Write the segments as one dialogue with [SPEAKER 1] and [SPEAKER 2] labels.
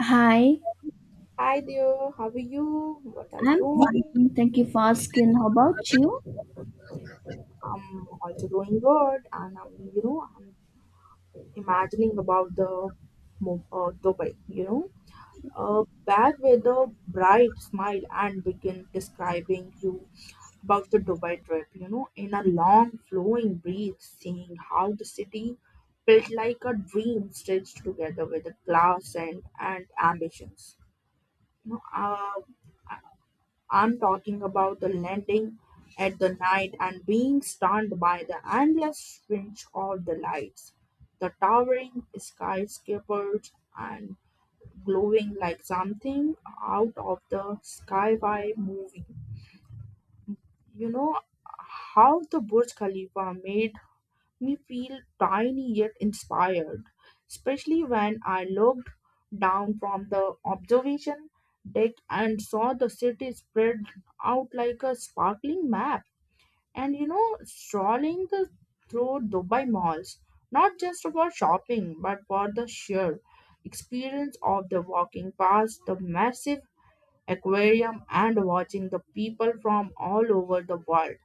[SPEAKER 1] Hi,
[SPEAKER 2] Hi there, how are you? What are you
[SPEAKER 1] I'm
[SPEAKER 2] doing?
[SPEAKER 1] fine. Thank you for asking. How about you?
[SPEAKER 2] I'm also doing good, and I'm imagining about the Dubai, back with a bright smile and begin describing you about the Dubai trip, you know, in a long flowing breath, seeing how the city felt like a dream stitched together with the class and ambitions. You know, uh, I'm talking about the landing at the night and being stunned by the endless switch of the lights, the towering skyscrapers, and glowing like something out of the sci-fi movie. You know how the Burj Khalifa made me feel tiny yet inspired, especially when I looked down from the observation deck and saw the city spread out like a sparkling map. And you know, through Dubai malls, not just for shopping, but for the sheer experience of the walking past the massive aquarium and watching the people from all over the world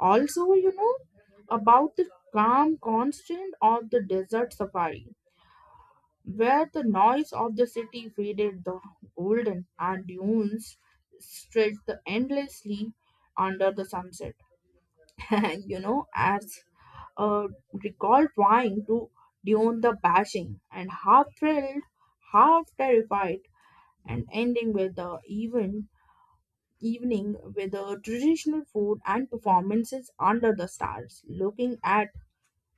[SPEAKER 2] also, you know about the calm constant of the desert safari, where the noise of the city faded, the golden and dunes stretched endlessly under the sunset. And you know, as uh, recall trying to tune the bashing and half thrilled, half terrified, and ending with the evening with the traditional food and performances under the stars, looking at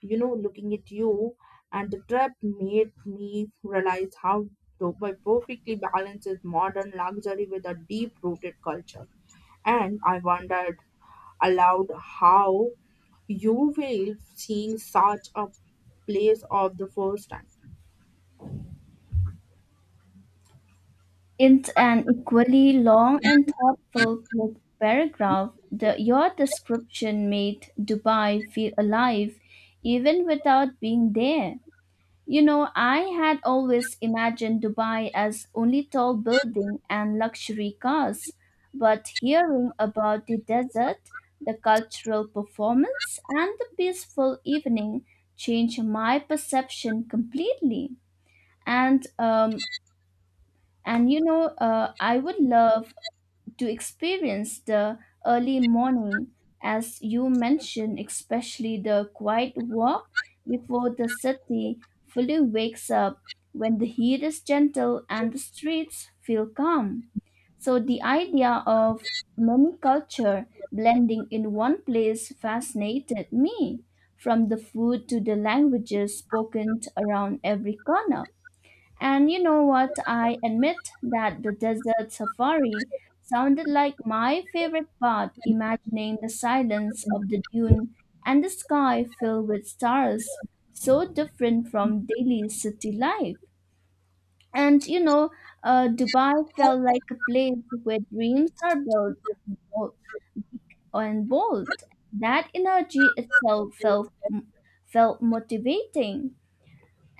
[SPEAKER 2] you know, looking at you and the trip made me realize how Dubai perfectly balances modern luxury with a deep rooted culture. And I wondered aloud how you feel seeing such a place of the first time.
[SPEAKER 1] It's an equally long and thoughtful quick paragraph. Your description made Dubai feel alive even without being there. You know, I had always imagined Dubai as only tall building and luxury cars, but hearing about the desert, the cultural performance, and the peaceful evening changed my perception completely. And um, and I would love to experience the early morning, as you mentioned, especially the quiet walk before the city fully wakes up when the heat is gentle and the streets feel calm. So the idea of many culture blending in one place fascinated me, from the food to the languages spoken around every corner. And you know what? I admit that the desert safari sounded like my favorite part, imagining the silence of the dune and the sky filled with stars, so different from daily city life. And Dubai felt like a place where dreams are built bo- and bold. That energy itself felt motivating.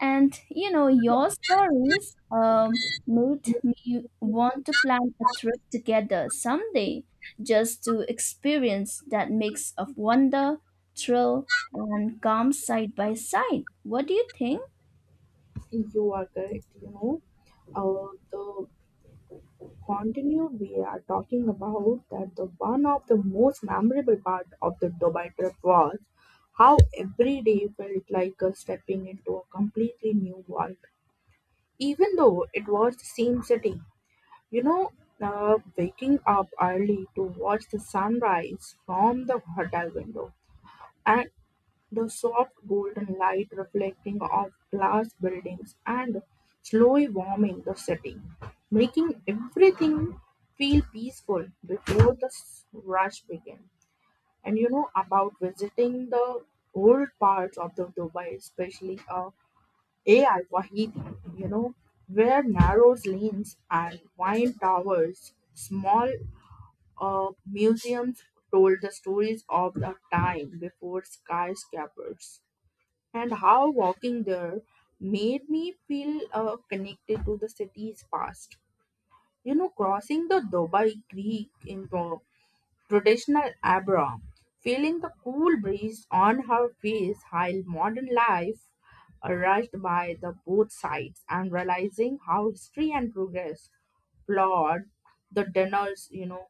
[SPEAKER 1] And you know, your stories made me want to plan a trip together someday just to experience that mix of wonder, thrill, and calm side by side. What do you think?
[SPEAKER 2] You are correct, you know. The continued we are talking about that the one of the most memorable part of the Dubai trip was how every day felt like stepping into a completely new world even though it was the same city you know waking up early to watch the sunrise from the hotel window and the soft golden light reflecting off glass buildings and slowly warming the city, making everything feel peaceful before the rush began. And you know about visiting the old parts of the Dubai, especially AI Wahidi, you know, where narrow lanes and wine towers, small museums told the stories of the time before skyscrapers and how walking there made me feel connected to the city's past. You know, crossing the Dubai Creek into traditional Abra, feeling the cool breeze on her face while modern life rushed by the both sides and realizing how history and progress flawed the dinners, you know,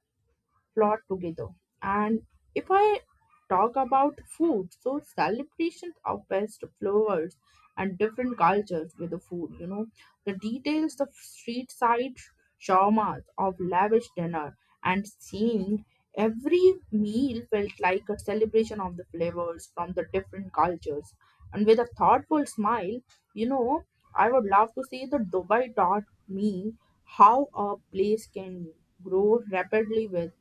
[SPEAKER 2] plot together. And if I talk about food, so celebrations of best flavors and different cultures with the food, you know, the details of street side shawarmas of lavish dinner and seeing every meal felt like a celebration of the flavors from the different cultures. And with a thoughtful smile, you know, I would love to say that Dubai taught me how a place can grow rapidly with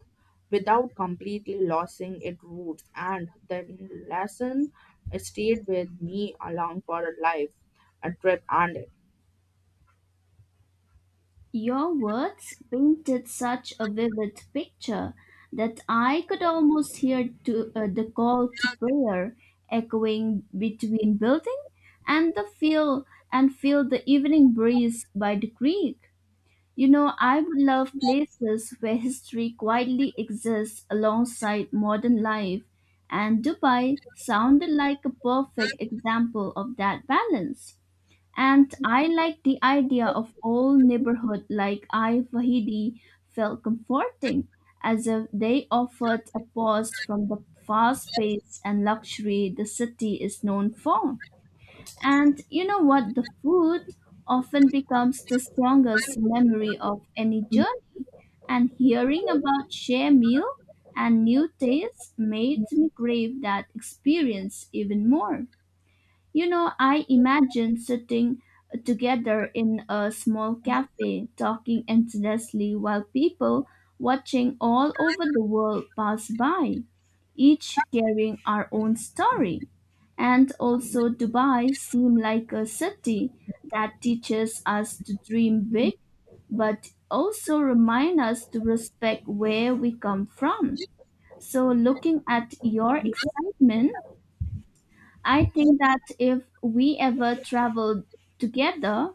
[SPEAKER 2] without completely losing its roots. And that lesson stayed with me along for a life, a trip, and
[SPEAKER 1] Your words painted such a vivid picture that I could almost hear the call to prayer echoing between building and the field and feel the evening breeze by the creek. You know, I would love places where history quietly exists alongside modern life, and Dubai sounded like a perfect example of that balance. And I like the idea of old neighborhood like I Wahidi felt comforting, as if they offered a pause from the fast pace and luxury the city is known for. And you know what? The food often becomes the strongest memory of any journey. And hearing about share meal and new tastes made me crave that experience even more. You know, I imagine sitting together in a small cafe talking endlessly while people watching all over the world pass by, each carrying our own story. And also Dubai seemed like a city that teaches us to dream big, but also remind us to respect where we come from. So looking at your excitement, I think that if we ever traveled together,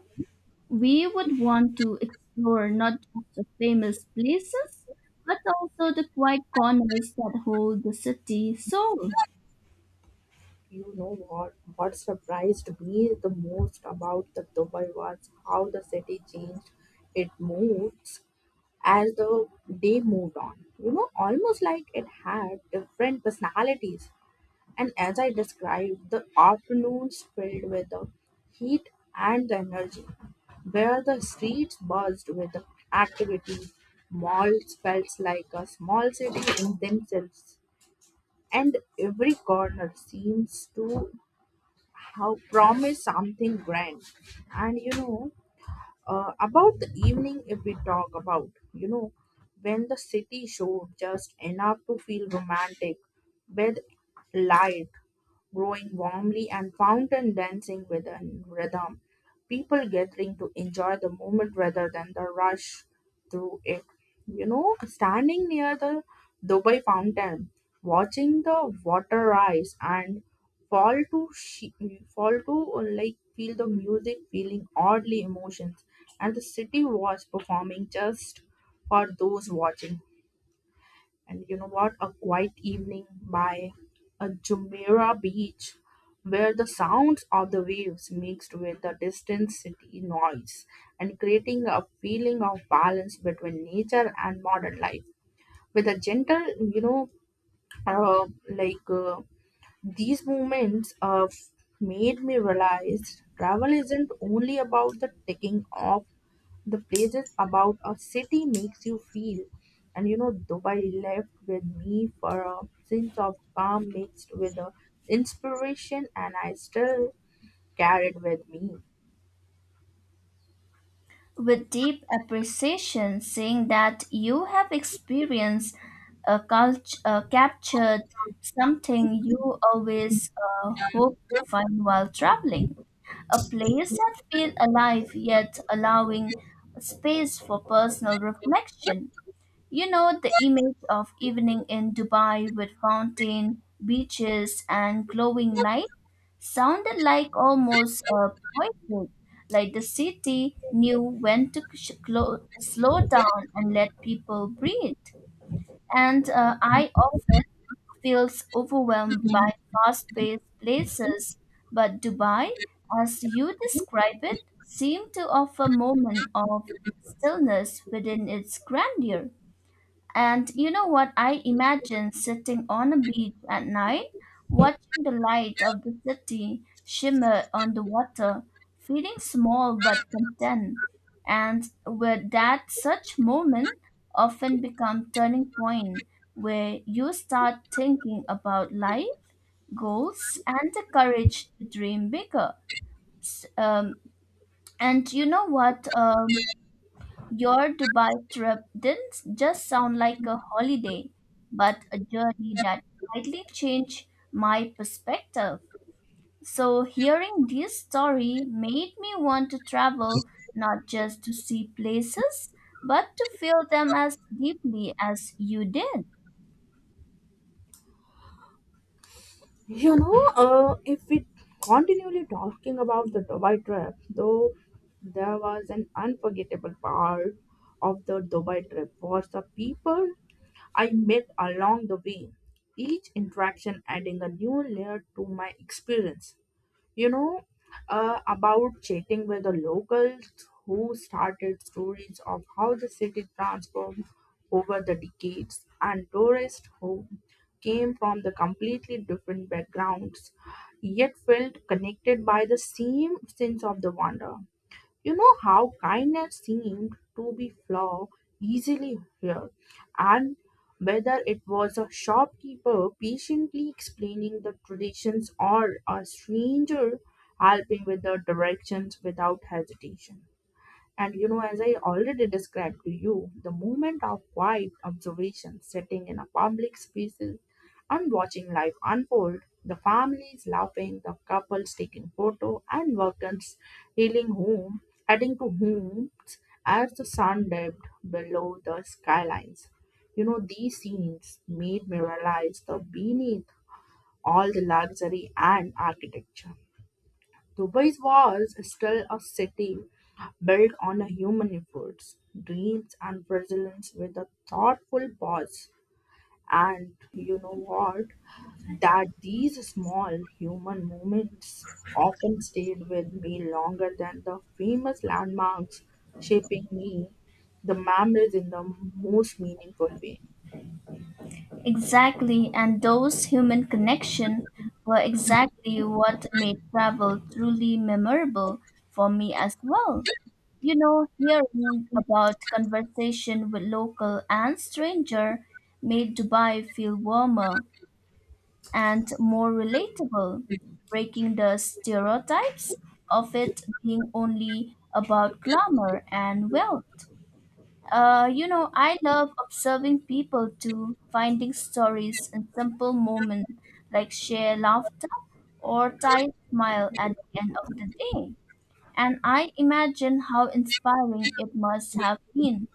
[SPEAKER 1] we would want to explore not just the famous places, but also the quiet corners that hold the city soul.
[SPEAKER 2] you know what? What surprised me the most about the Dubai was how the city changed its moods as the day moved on. You know, almost like it had different personalities. And as I described, the afternoons filled with the heat and the energy, where the streets buzzed with the activity, malls felt like a small city in themselves, and every corner seems to have promised something grand. And about the evening, if we talk about, you know, when the city showed just enough to feel romantic with light growing warmly and fountain dancing with a rhythm. People gathering to enjoy the moment rather than the rush through it. You know, standing near the Dubai fountain, watching the water rise and fall to she- fall to like feel the music, feeling oddly emotions, and the city was performing just for those watching. And you know what? A quiet evening by a Jumeirah beach where the sounds of the waves mixed with the distant city noise and creating a feeling of balance between nature and modern life with a gentle uh, like uh, these moments made me realize travel isn't only about the taking off the places about a city makes you feel. And you know, Dubai left with me for a sense of calm mixed with the inspiration, and I still carry it with me.
[SPEAKER 1] With deep appreciation, seeing that you have experienced a culture, captured something you always hope to find while traveling. A place that feels alive yet allowing space for personal reflection. You know, the image of evening in Dubai with fountain, beaches, and glowing light sounded like almost a poetry, like the city knew when to slow down and let people breathe. And I often feels overwhelmed by fast-paced places, but Dubai, as you describe it, seemed to offer moment of stillness within its grandeur. And you know what? I imagine sitting on a beach at night, watching the light of the city shimmer on the water, feeling small but content. And with that, such moment often become turning point where you start thinking about life, goals, and the courage to dream bigger. Um, and you know what? Your Dubai trip didn't just sound like a holiday, but a journey that slightly changed my perspective. So, hearing this story made me want to travel not just to see places, but to feel them as deeply as you did.
[SPEAKER 2] If we continually talking about the Dubai trip, though there was an unforgettable part of the Dubai trip was the people I met along the way. Each interaction adding a new layer to my experience. you know, about chatting with the locals who started stories of how the city transformed over the decades and tourists who came from the completely different backgrounds yet felt connected by the same sense of the wonder you know how kindness seemed to be flow easily here, and whether it was a shopkeeper patiently explaining the traditions or a stranger helping with the directions without hesitation. And you know, as I already described to you, the moment of quiet observation, sitting in a public space and watching life unfold, the families laughing, the couples taking photo, and workers healing home, adding to homes as the sun dipped below the skylines. You know, these scenes made me realize the beneath all the luxury and architecture Dubai's was still a city built on human efforts, dreams, and resilience with a thoughtful pause. And you know what? That these small human moments often stayed with me longer than the famous landmarks, shaping me the memories in the most meaningful way.
[SPEAKER 1] Exactly, and those human connections were exactly what made travel truly memorable for me as well. You know, hearing about conversation with local and stranger made Dubai feel warmer and more relatable, breaking the stereotypes of it being only about glamour and wealth. You know, I love observing people too, finding stories and simple moments like shared laughter or tired smile at the end of the day. And I imagine how inspiring it must have been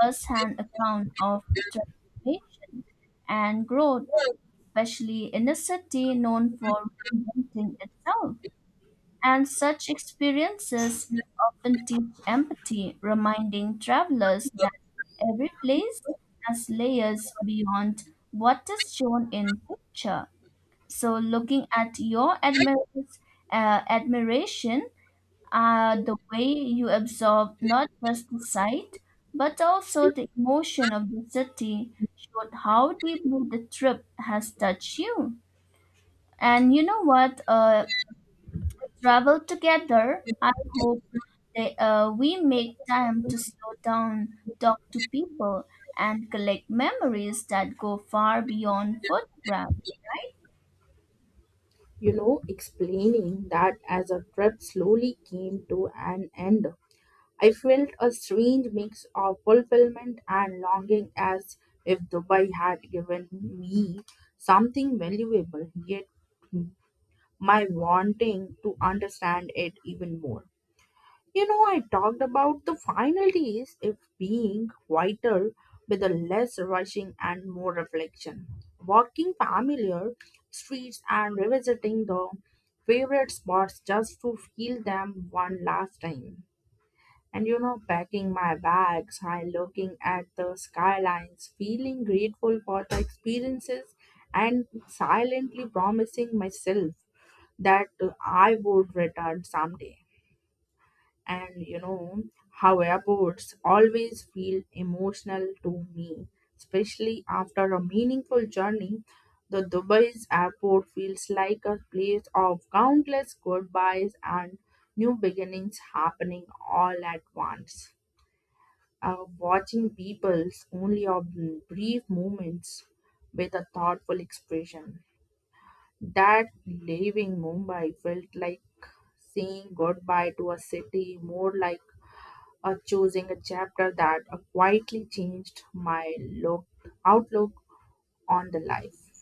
[SPEAKER 1] first-hand account of transformation and growth, especially in a city known for reinventing itself. And such experiences often teach empathy, reminding travelers that every place has layers beyond what is shown in picture. So, looking at your admiration, the way you absorb not just the sight but also the emotion of the city showed how deeply the trip has touched you. And you know what? Travel together, I hope that we make time to slow down, talk to people, and collect memories that go far beyond photographs. Right?
[SPEAKER 2] You know, explaining that as a trip slowly came to an end I felt a strange mix of fulfillment and longing as if Dubai had given me something valuable, yet my wanting to understand it even more. You know, I talked about the final days if being vital with a less rushing and more reflection. Walking familiar streets and revisiting the favorite spots just to feel them one last time. And you know, packing my bags, I looking at the skylines, feeling grateful for the experiences, and silently promising myself that I would return someday. And you know how airports always feel emotional to me, especially after a meaningful journey. The Dubai's airport feels like a place of countless goodbyes and new beginnings happening all at once. Watching people's only of brief moments with a thoughtful expression. That leaving Mumbai felt like saying goodbye to a city, more like a choosing a chapter that quietly changed my look outlook on the life.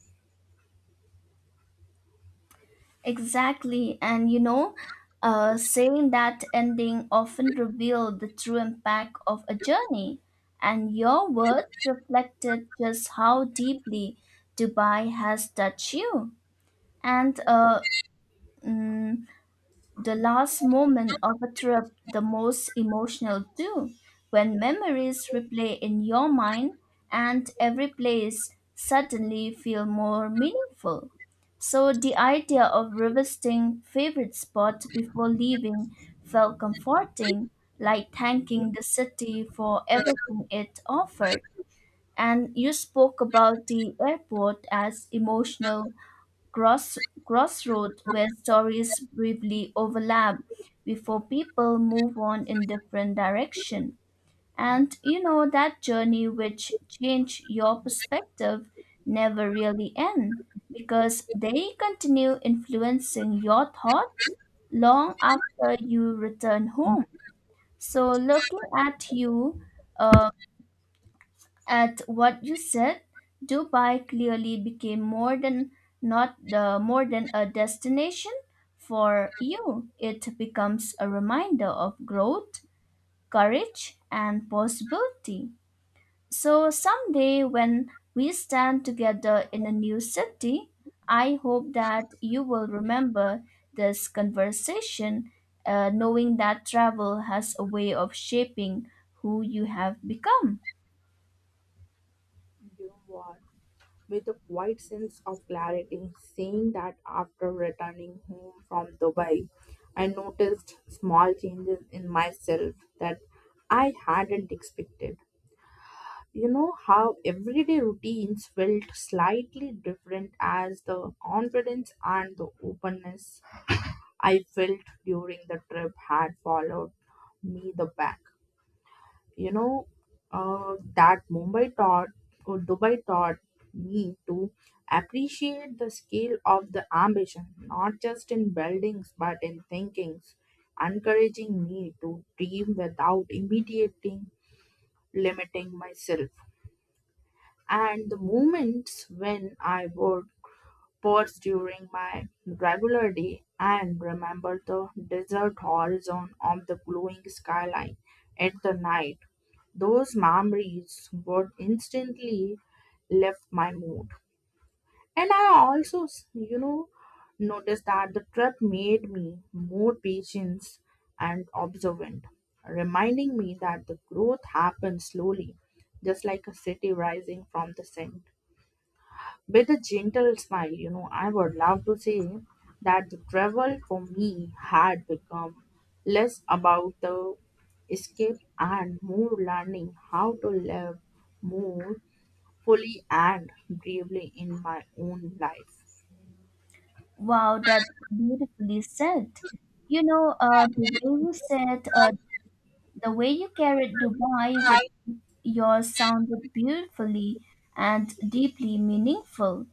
[SPEAKER 1] Exactly. And you know, saying that ending often revealed the true impact of a journey. And your words reflected just how deeply Dubai has touched you. And mm, the last moment of a trip, the most emotional too, when memories replay in your mind and every place suddenly feel more meaningful. So the idea of revisiting favorite spot before leaving felt comforting, like thanking the city for everything it offered. And you spoke about the airport as emotional Cross, crossroads where stories briefly overlap before people move on in different direction. And you know that journey which change your perspective never really end because they continue influencing your thoughts long after you return home. So looking at you, uh, at what you said, Dubai clearly became more than not the more than a destination for you. It becomes a reminder of growth, courage, and possibility. So someday when we stand together in a new city, I hope that you will remember this conversation, knowing that travel has a way of shaping who you have become.
[SPEAKER 2] You know what? With a quiet sense of clarity, saying that after returning home from Dubai, I noticed small changes in myself that I hadn't expected. You know how everyday routines felt slightly different as the confidence and the openness I felt during the trip had followed me the back you know that Mumbai taught or Dubai taught me to appreciate the scale of the ambition, not just in buildings but in thinkings, encouraging me to dream without immediately limiting myself. And the moments when I would pause during my regular day and remember the desert horizon of the glowing skyline at the night those memories reads would instantly lift my mood. And I also noticed that the trip made me more patient and observant, reminding me that the growth happens slowly, just like a city rising from the sand. With a gentle smile, you know, I would love to say that the travel for me had become less about the escape and more learning how to live more fully and bravely in my own life.
[SPEAKER 1] Wow, that's beautifully said. You know, the way you carried Dubai with yours sounded beautifully and deeply meaningful,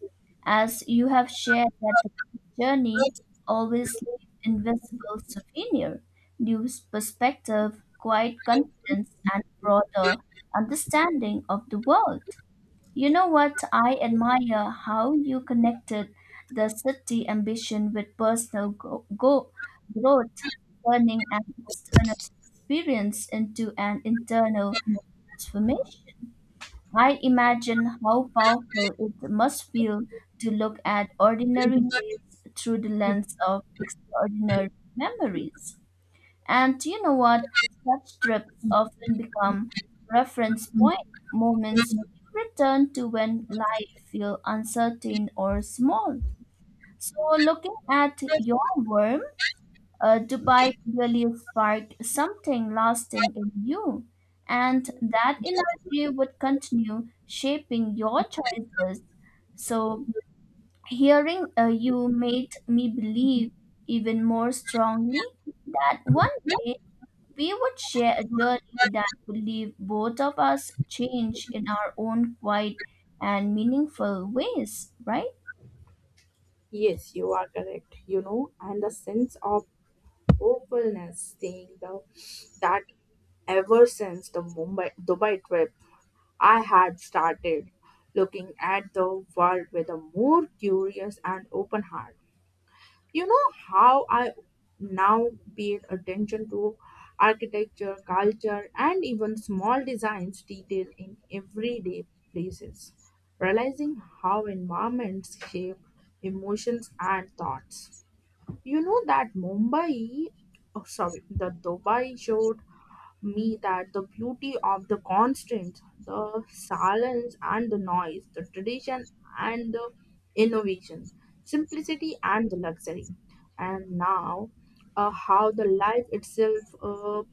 [SPEAKER 1] as you have shared that the journey always leaves invisible souvenir, new perspective, quiet confidence, and broader understanding of the world. You know what? I admire how you connected the city ambition with personal growth, turning an external experience into an internal transformation. I imagine how powerful it must feel to look at ordinary days through the lens of extraordinary memories. And you know what? Such trips often become reference point moments you return to when life feels uncertain or small. So, looking at your worm, Dubai really sparked something lasting in you, and that energy would continue shaping your choices. So, hearing you made me believe even more strongly that one day we would share a journey that would leave both of us changed in our own quiet and meaningful ways, right?
[SPEAKER 2] Yes, you are correct. You know, and the sense of hopefulness, seeing the that ever since the Mumbai Dubai trip I had started looking at the world with a more curious and open heart. You know how I now paid attention to architecture, culture, and even small designs detail in everyday places, realizing how environments shape emotions and thoughts. You know that Mumbai, oh, sorry, the Dubai showed me that the beauty of the constraints, the silence and the noise, the tradition and the innovation, simplicity and the luxury. And now, how the life itself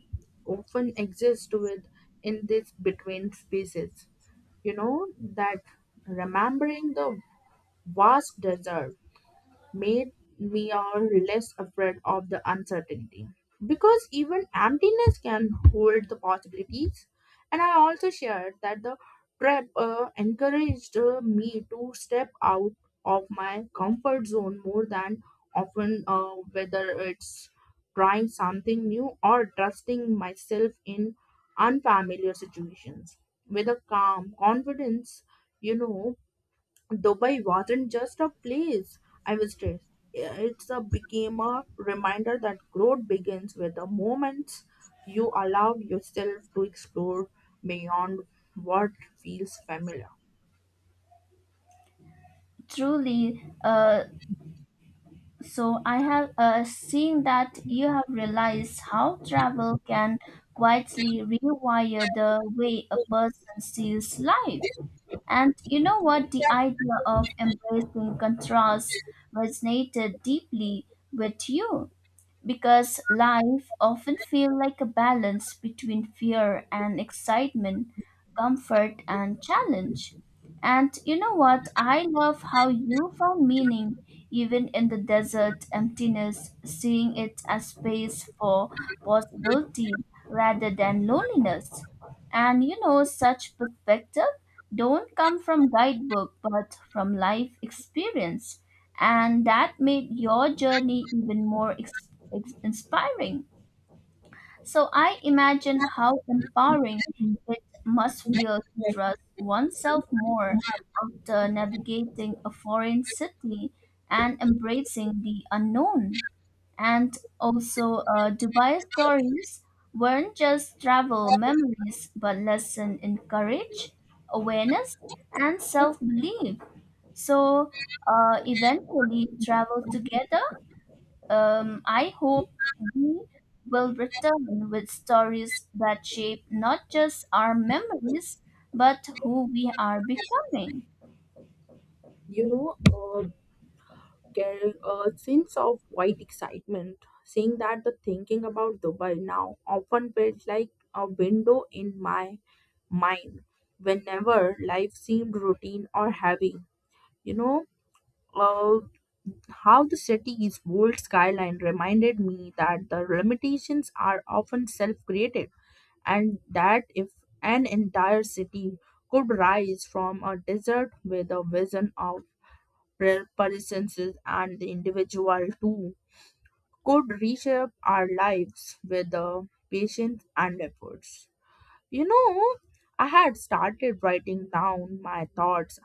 [SPEAKER 2] often exists with in this between spaces. You know, that remembering the vast desert made me are less afraid of the uncertainty because even emptiness can hold the possibilities and I also shared that the trip encouraged me to step out of my comfort zone more than often whether it's trying something new or trusting myself in unfamiliar situations with a calm confidence you know Dubai wasn't just a place I visited. It's a became a reminder that growth begins with the moments you allow yourself to explore beyond what feels familiar.
[SPEAKER 1] Truly. So I have seen that you have realized how travel can quietly rewire the way a person sees life. And you know what? The idea of embracing contrast resonated deeply with you because life often feels like a balance between fear and excitement, comfort and challenge. And you know what? I love how you found meaning even in the desert emptiness, seeing it as space for possibility rather than loneliness. And you know, such perspective don't come from guidebook but from life experience and that made your journey even more inspiring. So I imagine how empowering it must feel to trust oneself more after navigating a foreign city and embracing the unknown. And also, Dubai stories weren't just travel memories but lesson in courage, awareness, and self belief. So eventually travel together. I hope we will return with stories that shape not just our memories, but who we are becoming.
[SPEAKER 2] You know, uh, Getting a sense of white excitement, seeing that the thinking about Dubai now often felt like a window in my mind whenever life seemed routine or heavy. You know, uh, How the city's bold skyline reminded me that the limitations are often self created, and that if an entire city could rise from a desert with a vision of presences and the individual too could reshape our lives with the patience and efforts. You know, I had started writing down my thoughts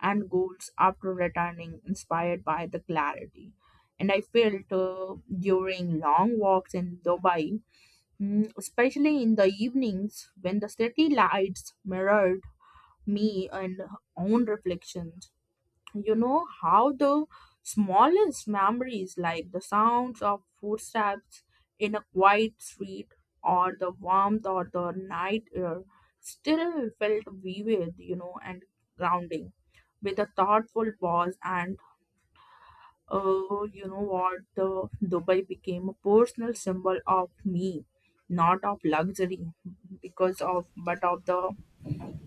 [SPEAKER 2] and goals after returning inspired by the clarity. And I felt during long walks in Dubai, especially in the evenings when the city lights mirrored me and own reflections you know how the smallest memories like the sounds of footsteps in a quiet street or the warmth or the night air still felt vivid you know and grounding with a thoughtful pause and you know what the dubai became a personal symbol of me not of luxury because of but of the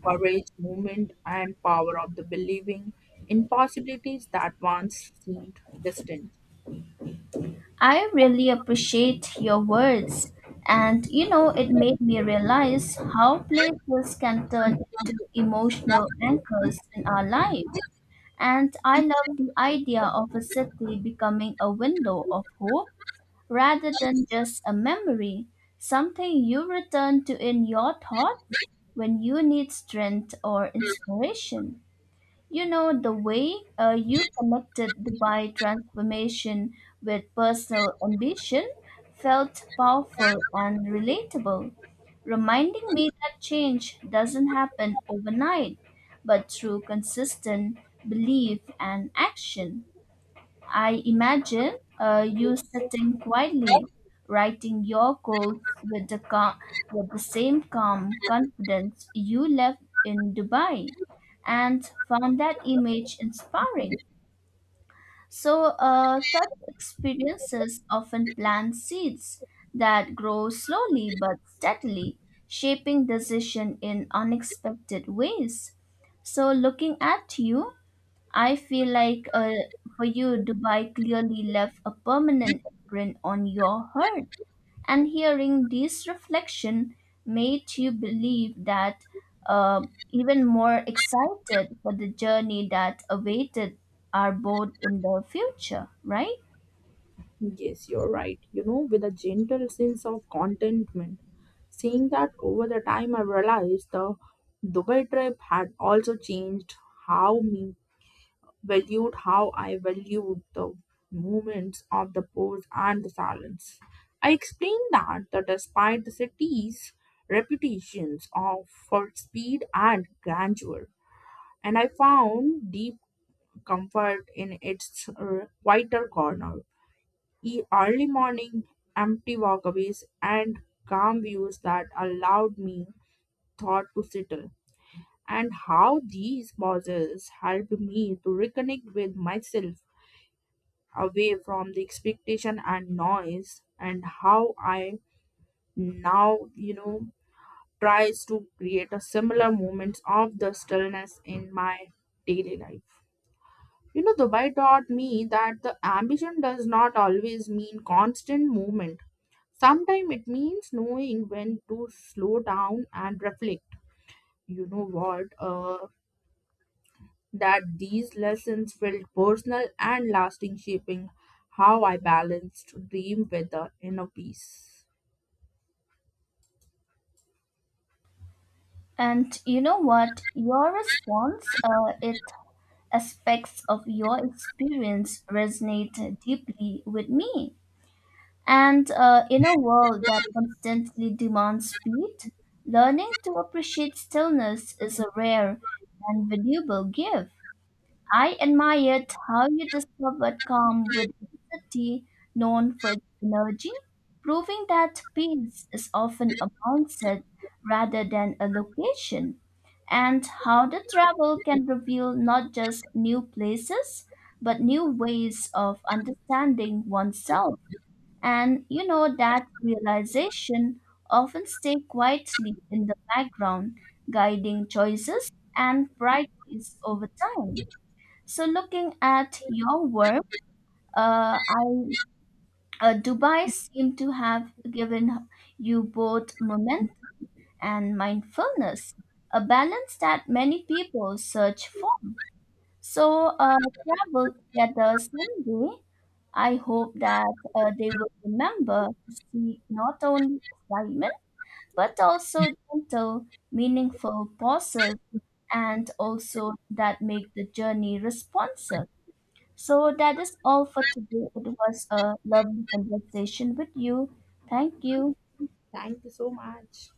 [SPEAKER 2] courage, movement, and power of the believing in possibilities that once seemed distant.
[SPEAKER 1] I really appreciate your words. And you know, it made me realize how places can turn into emotional anchors in our life. And I love the idea of a city becoming a window of hope rather than just a memory, something you return to in your thoughts when you need strength or inspiration. You know, the way you connected Dubai transformation with personal ambition felt powerful and relatable, reminding me that change doesn't happen overnight, but through consistent belief and action. I imagine you sitting quietly, writing your goals with the same calm confidence you left in Dubai, and found that image inspiring. So, such experiences often plant seeds that grow slowly but steadily, shaping decision in unexpected ways. So, looking at you, I feel like for you, Dubai clearly left a permanent imprint on your heart. And hearing this reflection made you believe that even more excited for the journey that awaited our both in the future, right?
[SPEAKER 2] Yes, you're right. You know, with a gentle sense of contentment. Seeing that over the time, I realized the Dubai trip had also changed how me how I valued the moments of the pause and the silence. I explained that, that despite the city's reputations of for speed and grandeur, and I found deep comfort in its quieter corner, early morning empty walkways and calm views that allowed me thought to settle and how these pauses helped me to reconnect with myself away from the expectation and noise and how I now you know tries to create a similar moments of the stillness in my daily life you know dubai taught me that the ambition does not always mean constant movement sometimes it means knowing when to slow down and reflect you know what, that these lessons felt personal and lasting, shaping how I balanced dream with the inner peace.
[SPEAKER 1] And you know what? Your response, it aspects of your experience resonate deeply with me. And in a world that constantly demands speed, learning to appreciate stillness is a rare and valuable gift. I admired how you discovered calm with a city known for its energy, proving that peace is often a mindset rather than a location, and how the travel can reveal not just new places, but new ways of understanding oneself. And you know that realization often stay quietly in the background, guiding choices and priorities over time. So looking at your work, I Dubai seemed to have given you both momentum and mindfulness, a balance that many people search for. So travel together someday I hope that they will remember to seek not only excitement, but also gentle, meaningful pauses and also that make the journey responsive. So that is all for today. It was a lovely conversation with you. Thank you.
[SPEAKER 2] Thank you so much.